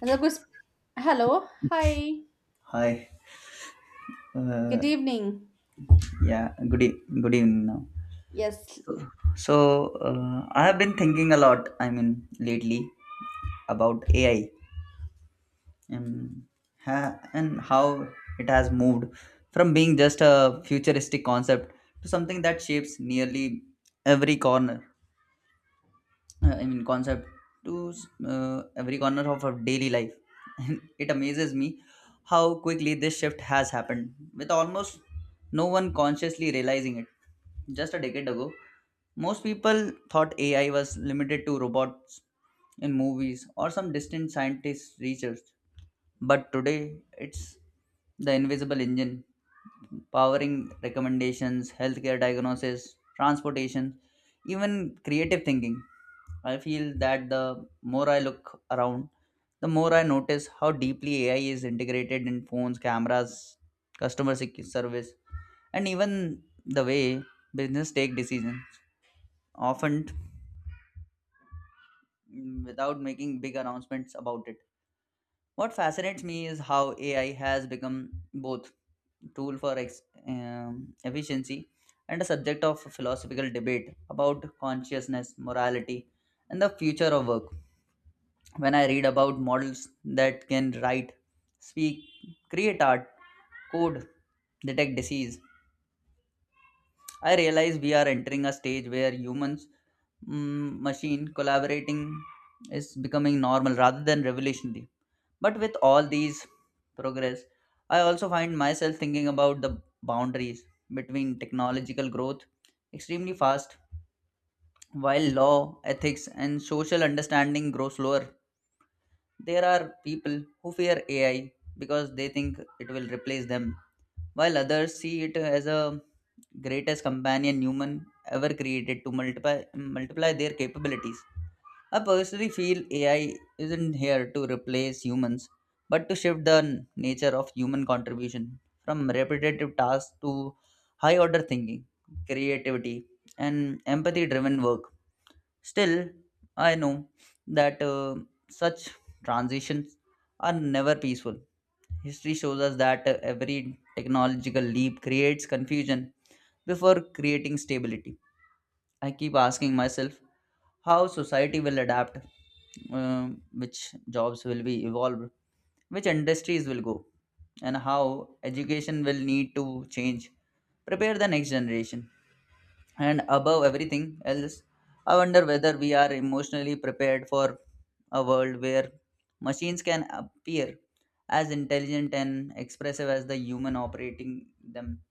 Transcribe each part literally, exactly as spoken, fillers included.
Hello, good- hello. Hi. Hi. Uh, Good evening. yeah. Good. E- good evening. Now. Yes. So uh, I have been thinking a lot. I mean, lately about A I and ha- and how it has moved from being just a futuristic concept to something that shapes nearly every corner uh, I mean concept to uh, every corner of our daily life. It amazes me how quickly this shift has happened, with almost no one consciously realizing it. Just a decade ago, most people thought A I was limited to robots in movies or some distant scientist research. But today, it's the invisible engine powering recommendations, healthcare diagnosis, transportation, even creative thinking. I feel that the more I look around, the more I notice how deeply A I is integrated in phones, cameras, customer sec- service, and even the way business take decisions, often mm, without making big announcements about it. What fascinates me is how A I has become both tool for ex- um, efficiency and a subject of philosophical debate about consciousness, morality, and the future of work. When I read about models that can write, speak, create art, code, detect disease, I realize we are entering a stage where humans mm, machine collaborating is becoming normal rather than revolutionary. But with all these progress I also find myself thinking about the boundaries between technological growth extremely fast, while law, ethics and social understanding grow slower. There are people who fear A I because they think it will replace them, while others see it as a greatest companion human ever created to multiply multiply their capabilities. I personally feel A I isn't here to replace humans, but to shift the n- nature of human contribution from repetitive tasks to high order thinking, creativity, and empathy driven work. Still, I know that uh, such transitions are never peaceful. History shows us that uh, every technological leap creates confusion before creating stability. I keep asking myself how society will adapt, uh, which jobs will be evolved, which industries will go, and how education will need to change, prepare the next generation. And above everything else, I wonder whether we are emotionally prepared for a world where machines can appear as intelligent and expressive as the human operating them.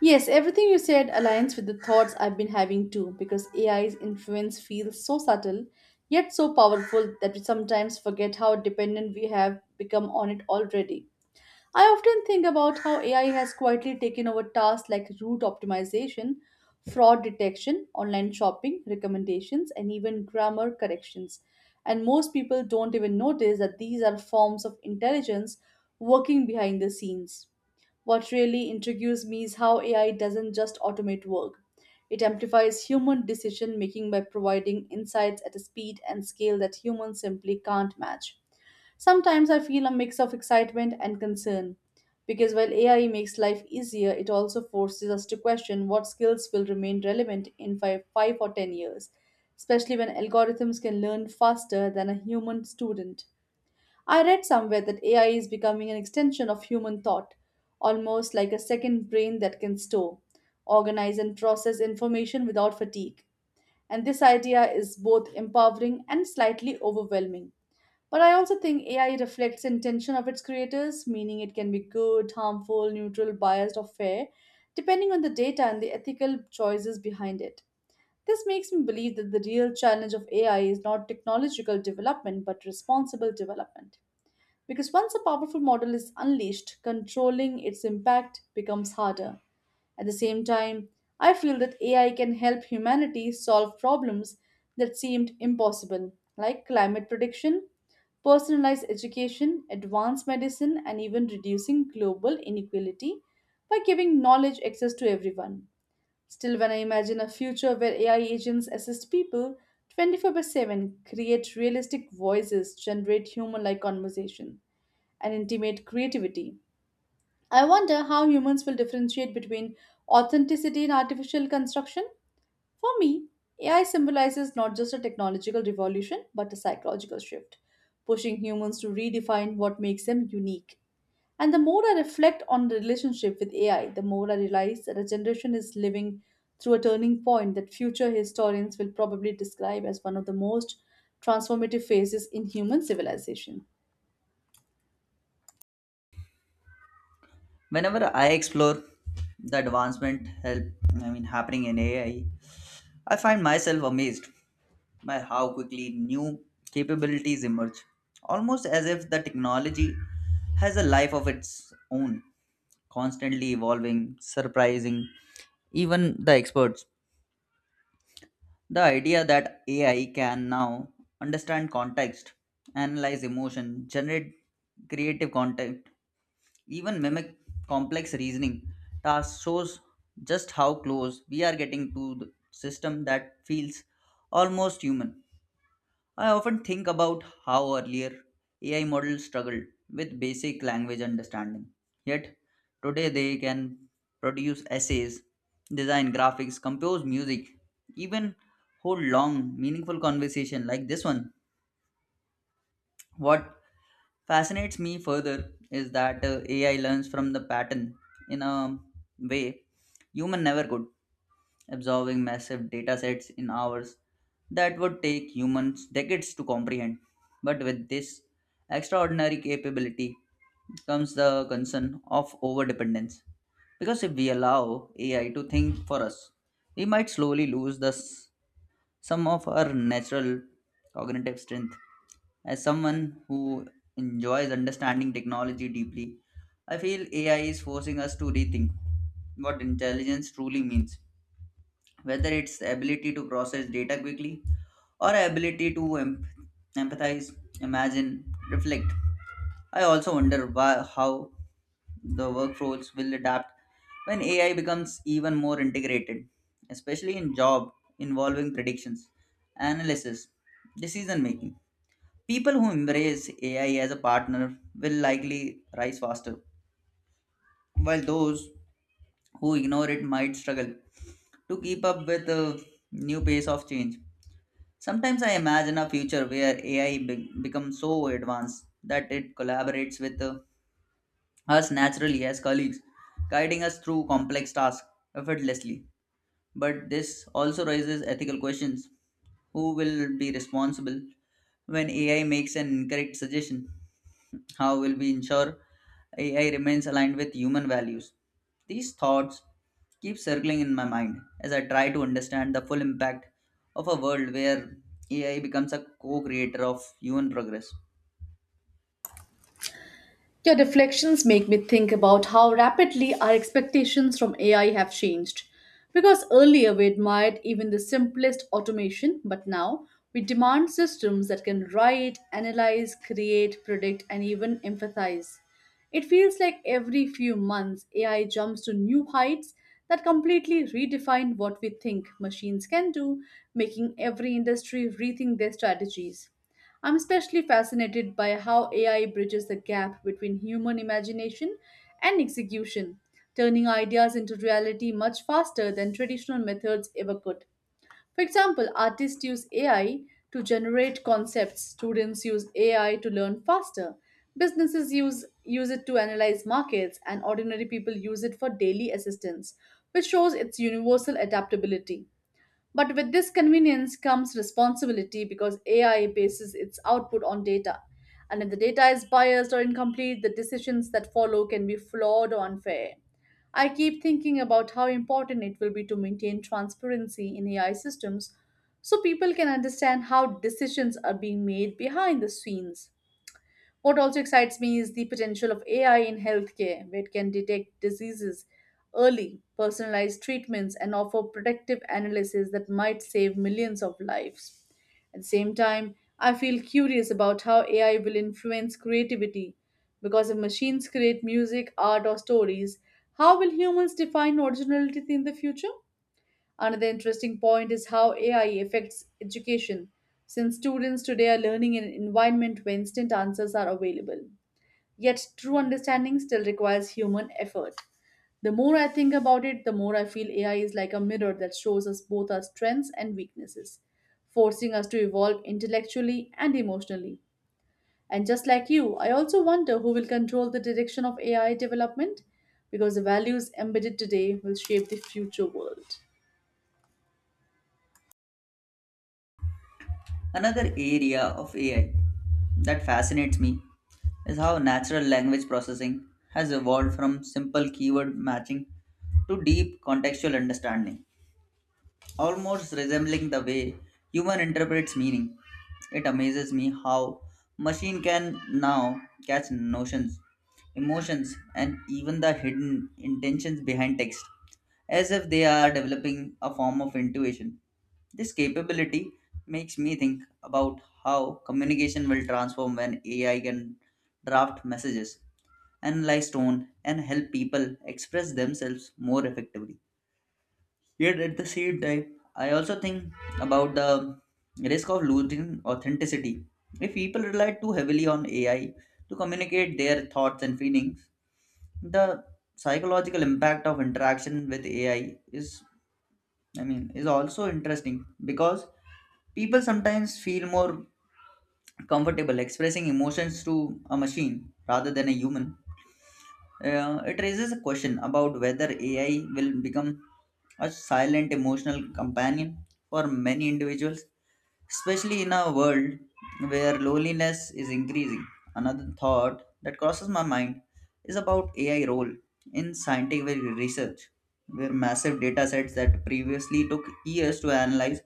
Yes, everything you said aligns with the thoughts I've been having too, because A I's influence feels so subtle, yet so powerful that we sometimes forget how dependent we have become on it already. I often think about how A I has quietly taken over tasks like route optimization, fraud detection, online shopping recommendations, and even grammar corrections. And most people don't even notice that these are forms of intelligence working behind the scenes. What really intrigues me is how A I doesn't just automate work. It amplifies human decision making by providing insights at a speed and scale that humans simply can't match. Sometimes I feel a mix of excitement and concern because while A I makes life easier, it also forces us to question what skills will remain relevant in five, five or ten years, especially when algorithms can learn faster than a human student. I read somewhere that A I is becoming an extension of human thought, almost like a second brain that can store, organize, and process information without fatigue. And this idea is both empowering and slightly overwhelming, but I also think A I reflects intention of its creators, meaning it can be good, harmful, neutral, biased, or fair, depending on the data and the ethical choices behind it. This makes me believe that the real challenge of A I is not technological development but responsible development. Because once a powerful model is unleashed, controlling its impact becomes harder. At the same time, I feel that A I can help humanity solve problems that seemed impossible, like climate prediction, personalized education, advanced medicine, and even reducing global inequality by giving knowledge access to everyone. Still, when I imagine a future where A I agents assist people twenty-four by seven, create realistic voices, generate human like conversation, and intimate creativity, I wonder how humans will differentiate between authenticity and artificial construction. For me, A I symbolizes not just a technological revolution, but a psychological shift, pushing humans to redefine what makes them unique. And the more I reflect on the relationship with A I, the more I realize that a generation is living through a turning point that future historians will probably describe as one of the most transformative phases in human civilization. Whenever I explore the advancement help I mean happening in A I, I I find myself amazed by how quickly new capabilities emerge, almost as if the technology has a life of its own, constantly evolving, surprising even the experts. The idea that A I can now understand context, analyze emotion, generate creative content, even mimic complex reasoning tasks shows just how close we are getting to the system that feels almost human. I often think about how earlier A I models struggled with basic language understanding. Yet, today they can produce essays, design graphics, compose music, even hold long, meaningful conversation like this one. What fascinates me further is that uh, A I learns from the pattern in a way human never could, absorbing massive data sets in hours that would take humans decades to comprehend. But with this extraordinary capability comes the concern of overdependence. Because if we allow A I to think for us, we might slowly lose the, s- some of our natural cognitive strength. As someone who enjoys understanding technology deeply, I feel A I is forcing us to rethink what intelligence truly means, whether it's ability to process data quickly or ability to em- empathize, imagine, reflect. I also wonder why, how the workflows will adapt when A I becomes even more integrated, especially in job involving predictions, analysis, decision making. People who embrace A I as a partner will likely rise faster, while those who ignore it might struggle to keep up with the new pace of change. Sometimes I imagine a future where A I be- becomes so advanced that it collaborates with uh, us naturally as colleagues, guiding us through complex tasks effortlessly. But this also raises ethical questions. Who will be responsible when A I makes an incorrect suggestion? How will we ensure A I remains aligned with human values? These thoughts keep circling in my mind as I try to understand the full impact of a world where A I becomes a co creator of human progress. Your deflections make me think about how rapidly our expectations from A I have changed. Because earlier we admired even the simplest automation, but now we demand systems that can write, analyze, create, predict, and even empathize. It feels like every few months A I jumps to new heights that completely redefine what we think machines can do, making every industry rethink their strategies. I'm especially fascinated by how A I bridges the gap between human imagination and execution, turning ideas into reality much faster than traditional methods ever could. For example, artists use A I to generate concepts, students use A I to learn faster, businesses use, use it to analyze markets, and ordinary people use it for daily assistance, which shows its universal adaptability. But with this convenience comes responsibility because A I bases its output on data. And if the data is biased or incomplete, the decisions that follow can be flawed or unfair. I keep thinking about how important it will be to maintain transparency in A I systems so people can understand how decisions are being made behind the scenes. What also excites me is the potential of A I in healthcare, where it can detect diseases early, personalize treatments, and offer predictive analysis that might save millions of lives. At the same time, I feel curious about how A I will influence creativity, because if machines create music, art, or stories, how will humans define originality in the future? Another interesting point is how A I affects education, since students today are learning in an environment where instant answers are available. Yet, true understanding still requires human effort. The more I think about it, the more I feel A I is like a mirror that shows us both our strengths and weaknesses, forcing us to evolve intellectually and emotionally. And just like you, I also wonder who will control the direction of A I development because the values embedded today will shape the future world. Another area of A I that fascinates me is how natural language processing has evolved from simple keyword matching to deep contextual understanding, almost resembling the way human interprets meaning. It amazes me how machine can now catch notions, emotions, and even the hidden intentions behind text, as if they are developing a form of intuition. This capability makes me think about how communication will transform when A I can draft messages, analyze tone, and help people express themselves more effectively. Yet at the same time, I also think about the risk of losing authenticity. If people rely too heavily on A I to communicate their thoughts and feelings, the psychological impact of interaction with A I is I mean is also interesting because people sometimes feel more comfortable expressing emotions to a machine rather than a human. Uh, it raises a question about whether A I will become a silent emotional companion for many individuals, especially in a world where loneliness is increasing. Another thought that crosses my mind is about A I role in scientific research, where massive data sets that previously took years to analyze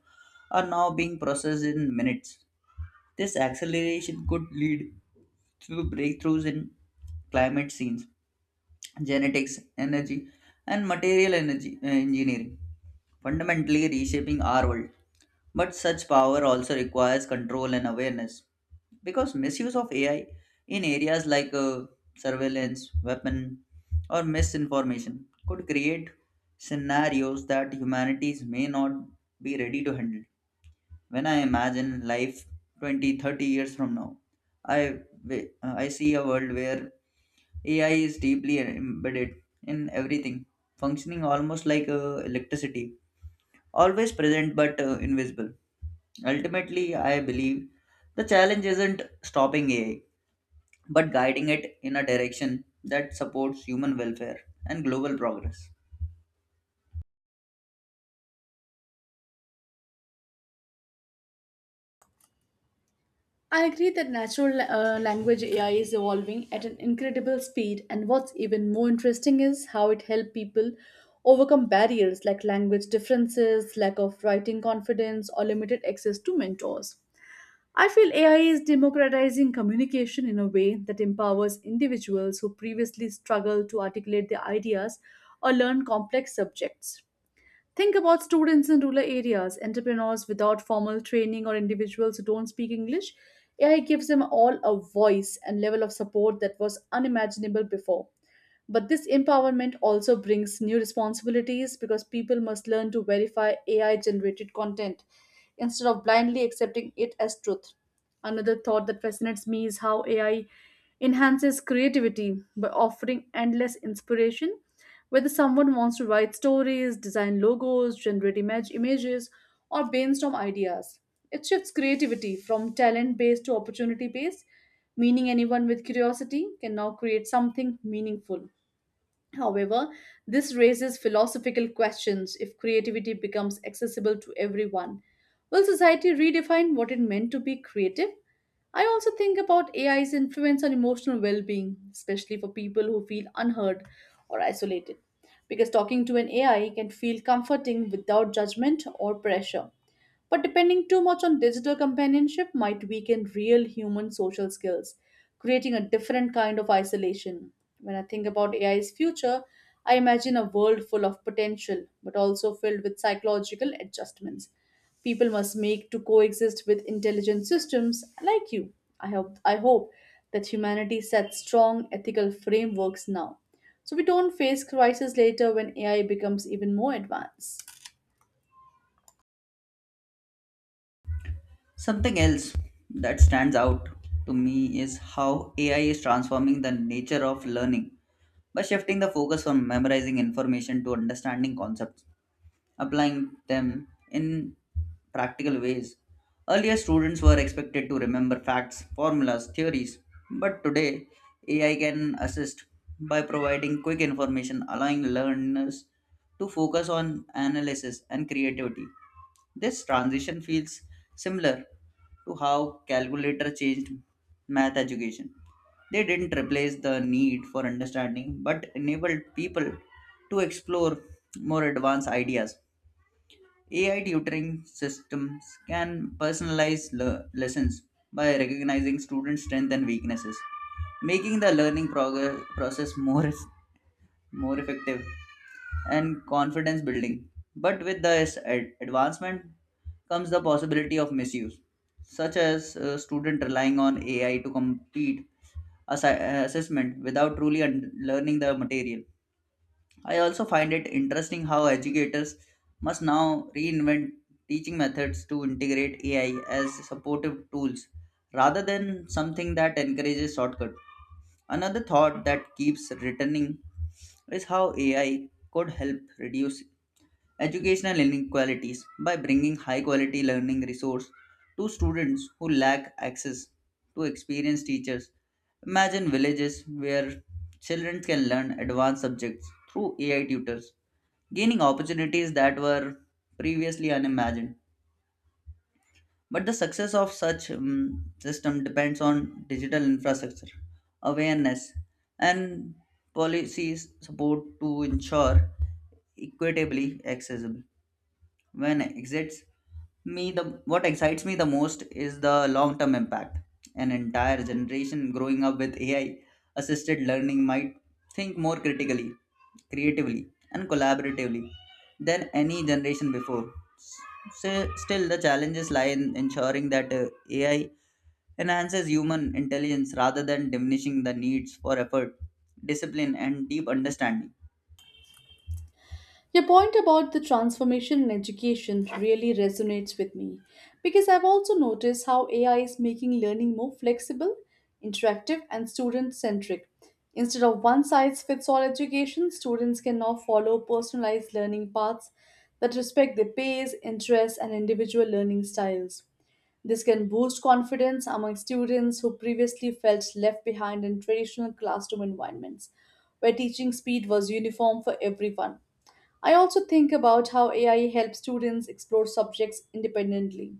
are now being processed in minutes. This acceleration could lead to breakthroughs in climate scenes, genetics, energy, and material energy uh, engineering, fundamentally reshaping our world. But such power also requires control and awareness because misuse of A I in areas like uh, surveillance, weapon, or misinformation could create scenarios that humanities may not be ready to handle. When I imagine life twenty, thirty years from now, I, wi- I see a world where A I is deeply embedded in everything, functioning almost like uh, electricity, always present but uh, invisible. Ultimately, I believe the challenge isn't stopping A I, but guiding it in a direction that supports human welfare and global progress. I agree that natural uh, language A I is evolving at an incredible speed, and what's even more interesting is how it helps people overcome barriers like language differences, lack of writing confidence, or limited access to mentors. I feel A I is democratizing communication in a way that empowers individuals who previously struggled to articulate their ideas or learn complex subjects. Think about students in rural areas, entrepreneurs without formal training, or individuals who don't speak English. A I gives them all a voice and level of support that was unimaginable before. But this empowerment also brings new responsibilities because people must learn to verify A I generated content instead of blindly accepting it as truth. Another thought that fascinates me is how A I enhances creativity by offering endless inspiration. Whether someone wants to write stories, design logos, generate image images, or brainstorm ideas, it shifts creativity from talent based to opportunity based, meaning anyone with curiosity can now create something meaningful. However, this raises philosophical questions if creativity becomes accessible to everyone. Will society redefine what it meant to be creative? I also think about A I's influence on emotional well being, especially for people who feel unheard or isolated, because talking to an A I can feel comforting without judgment or pressure. But depending too much on digital companionship might weaken real human social skills, creating a different kind of isolation. When I think about A I's future, I imagine a world full of potential, but also filled with psychological adjustments people must make to coexist with intelligent systems like you. I hope, I hope that humanity sets strong ethical frameworks now so we don't face crisis later when A I becomes even more advanced. Something else that stands out to me is how A I is transforming the nature of learning by shifting the focus from memorizing information to understanding concepts, applying them in practical ways. Earlier, students were expected to remember facts, formulas, theories, but today A I can assist by providing quick information, allowing learners to focus on analysis and creativity. This transition feels similar to how calculator changed math education. They didn't replace the need for understanding but enabled people to explore more advanced ideas. A I tutoring systems can personalize le- lessons by recognizing students' strengths and weaknesses, making the learning prog- process more, eff- more effective and confidence building. But with this ad- advancement comes the possibility of misuse, such as a student relying on A I to complete assi- assessment without truly un- learning the material. I also find it interesting how educators must now reinvent teaching methods to integrate A I as supportive tools rather than something that encourages shortcut. Another thought that keeps returning is how A I could help reduce educational inequalities by bringing high quality learning resource to students who lack access to experienced teachers. Imagine villages where children can learn advanced subjects through A I tutors, gaining opportunities that were previously unimagined. But the success of such um, system depends on digital infrastructure, awareness, and policy support to ensure equitably accessible. When exits me the what excites me the most is the long term impact: an entire generation growing up with AI assisted learning might think more critically, creatively, and collaboratively than any generation before. So, still the challenges lie in ensuring that uh, AI enhances human intelligence rather than diminishing the needs for effort, discipline and deep understanding. Your point about the transformation in education really resonates with me because I've also noticed how A I is making learning more flexible, interactive, and student centric. Instead of one size fits all education, students can now follow personalized learning paths that respect their pace, interests, and individual learning styles. This can boost confidence among students who previously felt left behind in traditional classroom environments, where teaching speed was uniform for everyone. I also think about how A I helps students explore subjects independently,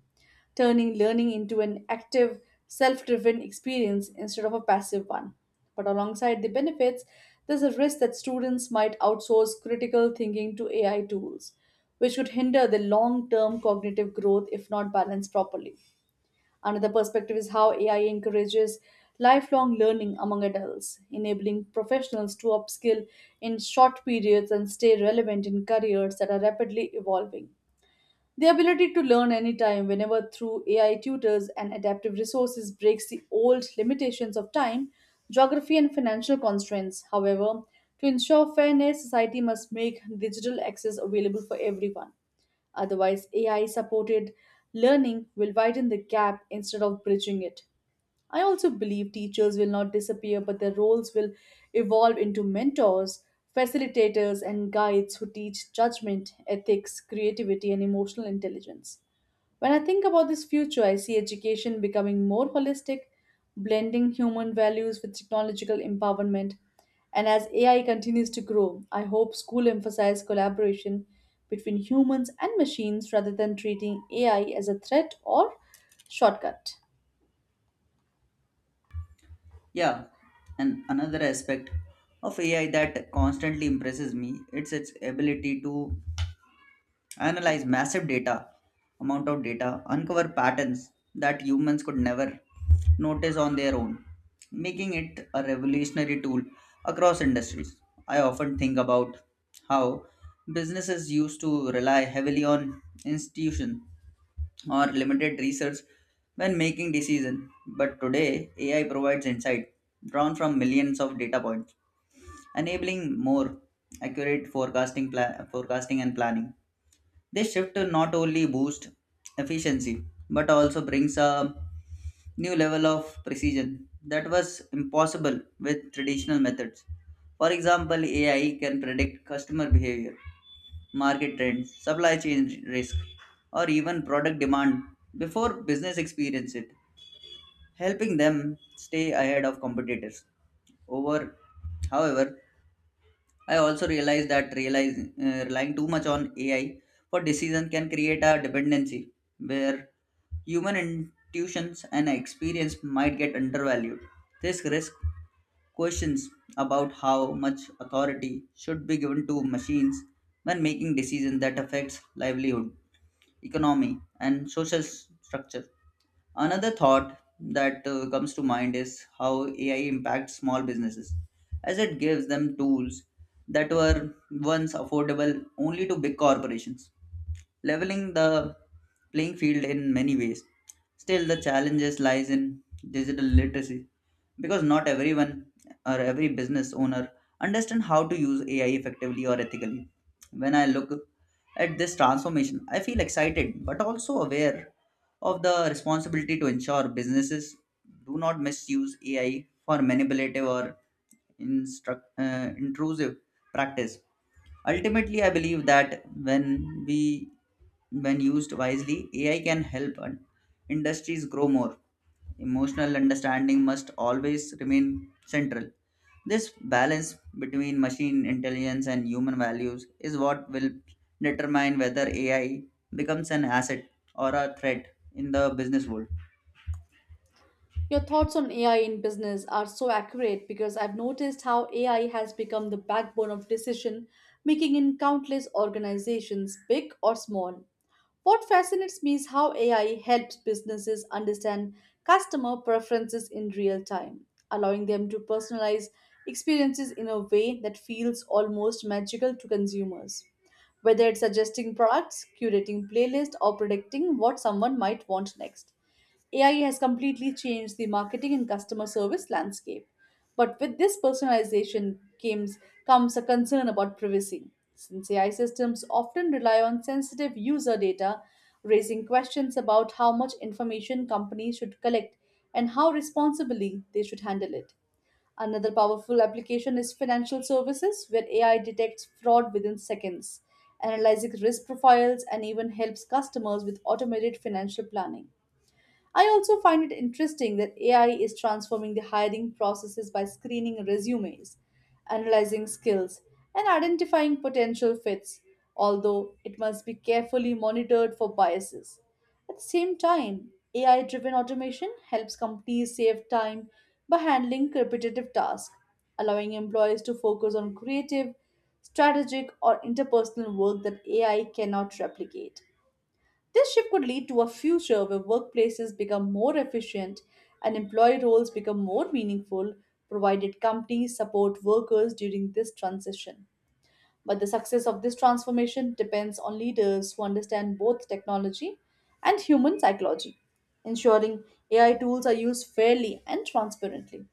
turning learning into an active, self driven experience instead of a passive one. But alongside the benefits, there's a risk that students might outsource critical thinking to A I tools, which could hinder the long term cognitive growth if not balanced properly. Another perspective is how A I encourages lifelong learning among adults, enabling professionals to upskill in short periods and stay relevant in careers that are rapidly evolving. The ability to learn anytime, whenever, through A I tutors and adaptive resources, breaks the old limitations of time, geography, and financial constraints. However, to ensure fairness, society must make digital access available for everyone. Otherwise, A I supported learning will widen the gap instead of bridging it. I also believe teachers will not disappear, but their roles will evolve into mentors, facilitators, and guides who teach judgment, ethics, creativity, and emotional intelligence. When I think about this future, I see education becoming more holistic, blending human values with technological empowerment. And as A I continues to grow, I hope school emphasize collaboration between humans and machines rather than treating A I as a threat or shortcut. Yeah, and another aspect of A I that constantly impresses me it's its ability to analyze massive data, amount of data, uncover patterns that humans could never notice on their own, making it a revolutionary tool across industries. I often think about how businesses used to rely heavily on institutions or limited research when making decisions. But today, A I provides insight drawn from millions of data points, enabling more accurate forecasting, pla- forecasting and planning. This shift to not only boosts efficiency but also brings a new level of precision that was impossible with traditional methods. For example, A I can predict customer behavior, market trends, supply chain risk, or even product demand before business experience it, helping them stay ahead of competitors. Over, However, I also realized that realize, uh, relying too much on A I for decision can create a dependency where human intuitions and experience might get undervalued. This risk questions about how much authority should be given to machines when making decisions that affects livelihood, economy, and social s- structure. Another thought that uh, comes to mind is how A I impacts small businesses, as it gives them tools that were once affordable only to big corporations, leveling the playing field in many ways. Still, the challenges lies in digital literacy because not everyone or every business owner understand how to use A I effectively or ethically. When I look at this transformation, I feel excited but also aware of the responsibility to ensure businesses do not misuse A I for manipulative or instruct, uh, intrusive practice. Ultimately, I believe that when we when used wisely, AI can help and industries grow more. Emotional understanding must always remain central. This balance between machine intelligence and human values is what will determine whether AI becomes an asset or a threat in the business world. Your thoughts on A I in business are so accurate because I've noticed how A I has become the backbone of decision making in countless organizations, big or small. What fascinates me is how A I helps businesses understand customer preferences in real time, allowing them to personalize experiences in a way that feels almost magical to consumers, whether it's suggesting products, curating playlists, or predicting what someone might want next. A I has completely changed the marketing and customer service landscape. But with this personalization comes, comes a concern about privacy, since A I systems often rely on sensitive user data, raising questions about how much information companies should collect and how responsibly they should handle it. Another powerful application is financial services, where A I detects fraud within seconds, analyzing risk profiles, and even helps customers with automated financial planning. I also find it interesting that A I is transforming the hiring processes by screening resumes, analyzing skills, and identifying potential fits, although it must be carefully monitored for biases. At the same time, A I driven automation helps companies save time by handling repetitive tasks, allowing employees to focus on creative, strategic, or interpersonal work that A I cannot replicate. This shift could lead to a future where workplaces become more efficient and employee roles become more meaningful, provided companies support workers during this transition. But the success of this transformation depends on leaders who understand both technology and human psychology, ensuring A I tools are used fairly and transparently.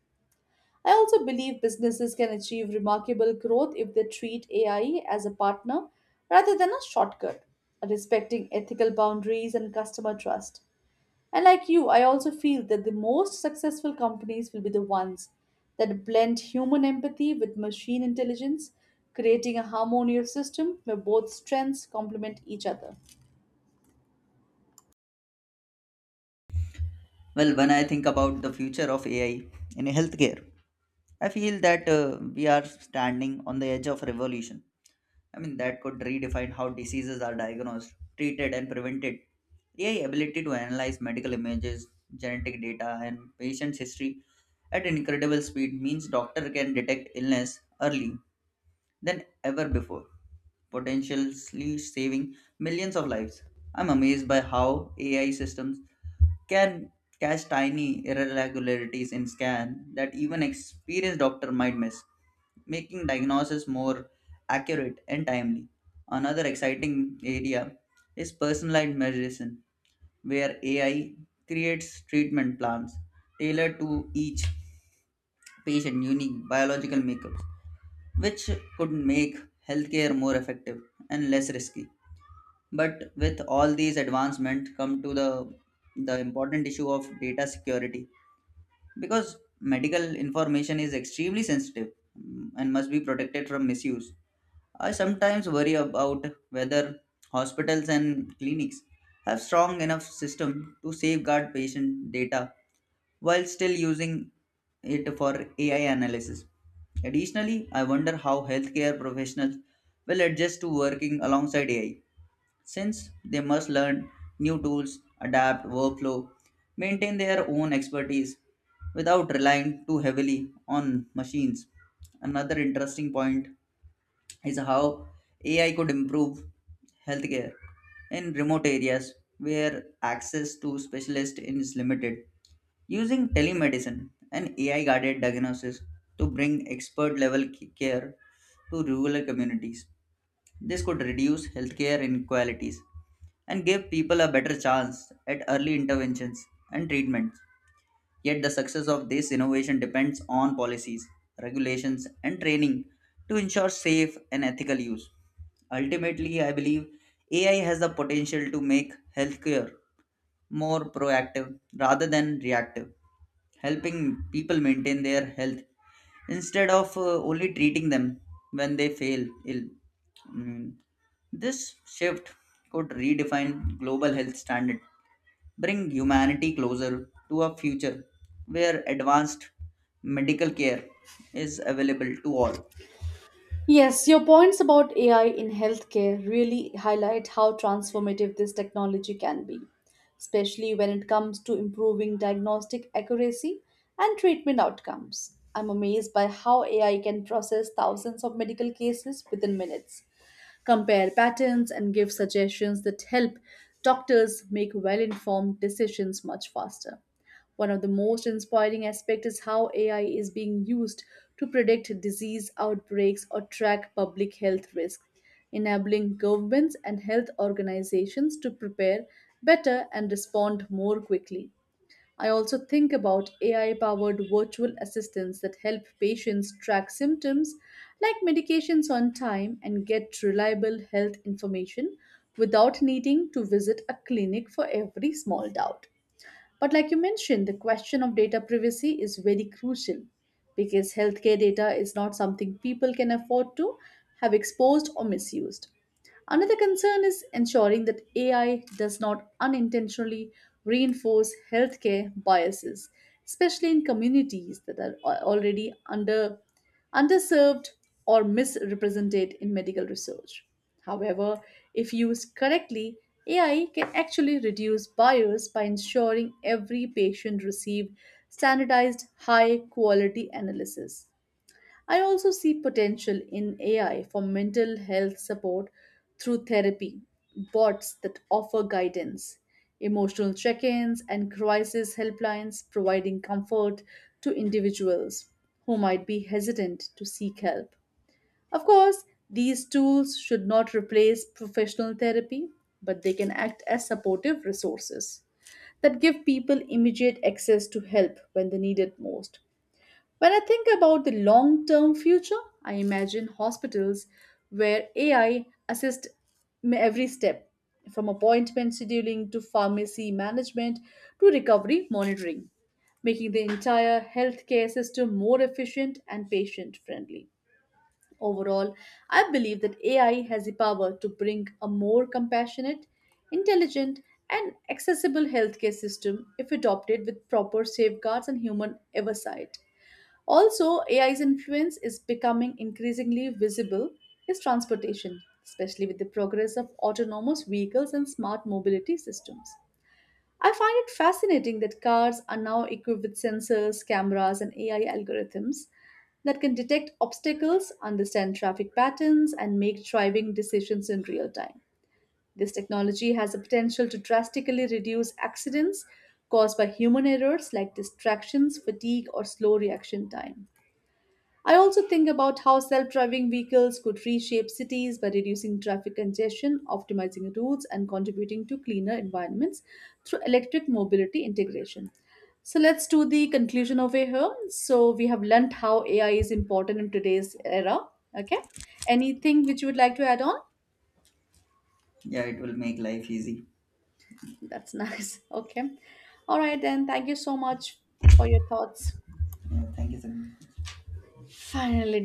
I also believe businesses can achieve remarkable growth if they treat A I as a partner rather than a shortcut, respecting ethical boundaries and customer trust. And like you, I also feel that the most successful companies will be the ones that blend human empathy with machine intelligence, creating a harmonious system where both strengths complement each other. Well, when I think about the future of AI in healthcare, I feel that uh, we are standing on the edge of revolution, I mean, that could redefine how diseases are diagnosed, treated, and prevented. A I ability to analyze medical images, genetic data, and patient's history at incredible speed means doctor can detect illness early than ever before, potentially saving millions of lives. I'm amazed by how A I systems can catch tiny irregularities in scan that even experienced doctor might miss, making diagnosis more accurate and timely. Another exciting area is personalized medicine, where A I creates treatment plans tailored to each patient unique biological makeups, which could make healthcare more effective and less risky. But with all these advancements come to the the important issue of data security because medical information is extremely sensitive, mm, and must be protected from misuse. I sometimes worry about whether hospitals and clinics have strong enough system to safeguard patient data while still using it for A I analysis. Additionally, I wonder how healthcare professionals will adjust to working alongside A I, since they must learn new tools, adapt workflow, maintain their own expertise without relying too heavily on machines. Another interesting point is how A I could improve healthcare in remote areas where access to specialists is limited. Using telemedicine and A I guided diagnosis to bring expert level c- care to rural communities. This could reduce healthcare inequalities and give people a better chance at early interventions and treatments. Yet the success of this innovation depends on policies, regulations, and training to ensure safe and ethical use. Ultimately, I believe A I has the potential to make healthcare more proactive rather than reactive, helping people maintain their health instead of uh, only treating them when they fail ill. Mm, This shift could redefine global health standards, bring humanity closer to a future where advanced medical care is available to all. Yes, your points about A I in healthcare really highlight how transformative this technology can be, especially when it comes to improving diagnostic accuracy and treatment outcomes. I'm amazed by how A I can process thousands of medical cases within minutes, compare patterns, and give suggestions that help doctors make well informed decisions much faster. One of the most inspiring aspects is how A I is being used to predict disease outbreaks or track public health risks, enabling governments and health organizations to prepare better and respond more quickly. I also think about A I powered virtual assistants that help patients track symptoms like medications on time and get reliable health information without needing to visit a clinic for every small doubt. But, like you mentioned, the question of data privacy is very crucial because healthcare data is not something people can afford to have exposed or misused. Another concern is ensuring that A I does not unintentionally reinforce healthcare biases, especially in communities that are al- already under, underserved or misrepresented in medical research. However, if used correctly, A I can actually reduce bias by ensuring every patient receives standardized high quality analysis. I also see potential in A I for mental health support through therapy, bots that offer guidance, emotional check ins, and crisis helplines providing comfort to individuals who might be hesitant to seek help. Of course, these tools should not replace professional therapy, but they can act as supportive resources that give people immediate access to help when they need it most. When I think about the long term future, I imagine hospitals where A I assists m- every step from appointment scheduling to pharmacy management to recovery monitoring, making the entire healthcare system more efficient and patient friendly. Overall, I believe that A I has the power to bring a more compassionate, intelligent, and accessible healthcare system if adopted with proper safeguards and human oversight. Also, A I's influence is becoming increasingly visible in transportation, especially with the progress of autonomous vehicles and smart mobility systems. I find it fascinating that cars are now equipped with sensors, cameras, and A I algorithms that can detect obstacles, understand traffic patterns, and make driving decisions in real time. This technology has the potential to drastically reduce accidents caused by human errors like distractions, fatigue, or slow reaction time. I also think about how self driving vehicles could reshape cities by reducing traffic congestion, optimizing routes, and contributing to cleaner environments through electric mobility integration. So, let's do the conclusion over here. So, we have learned how A I is important in today's era. Okay. Anything which you would like to add on? Yeah, it will make life easy. That's nice. Okay. All right, then. Thank you so much for your thoughts. Yeah, thank you, sir. Finally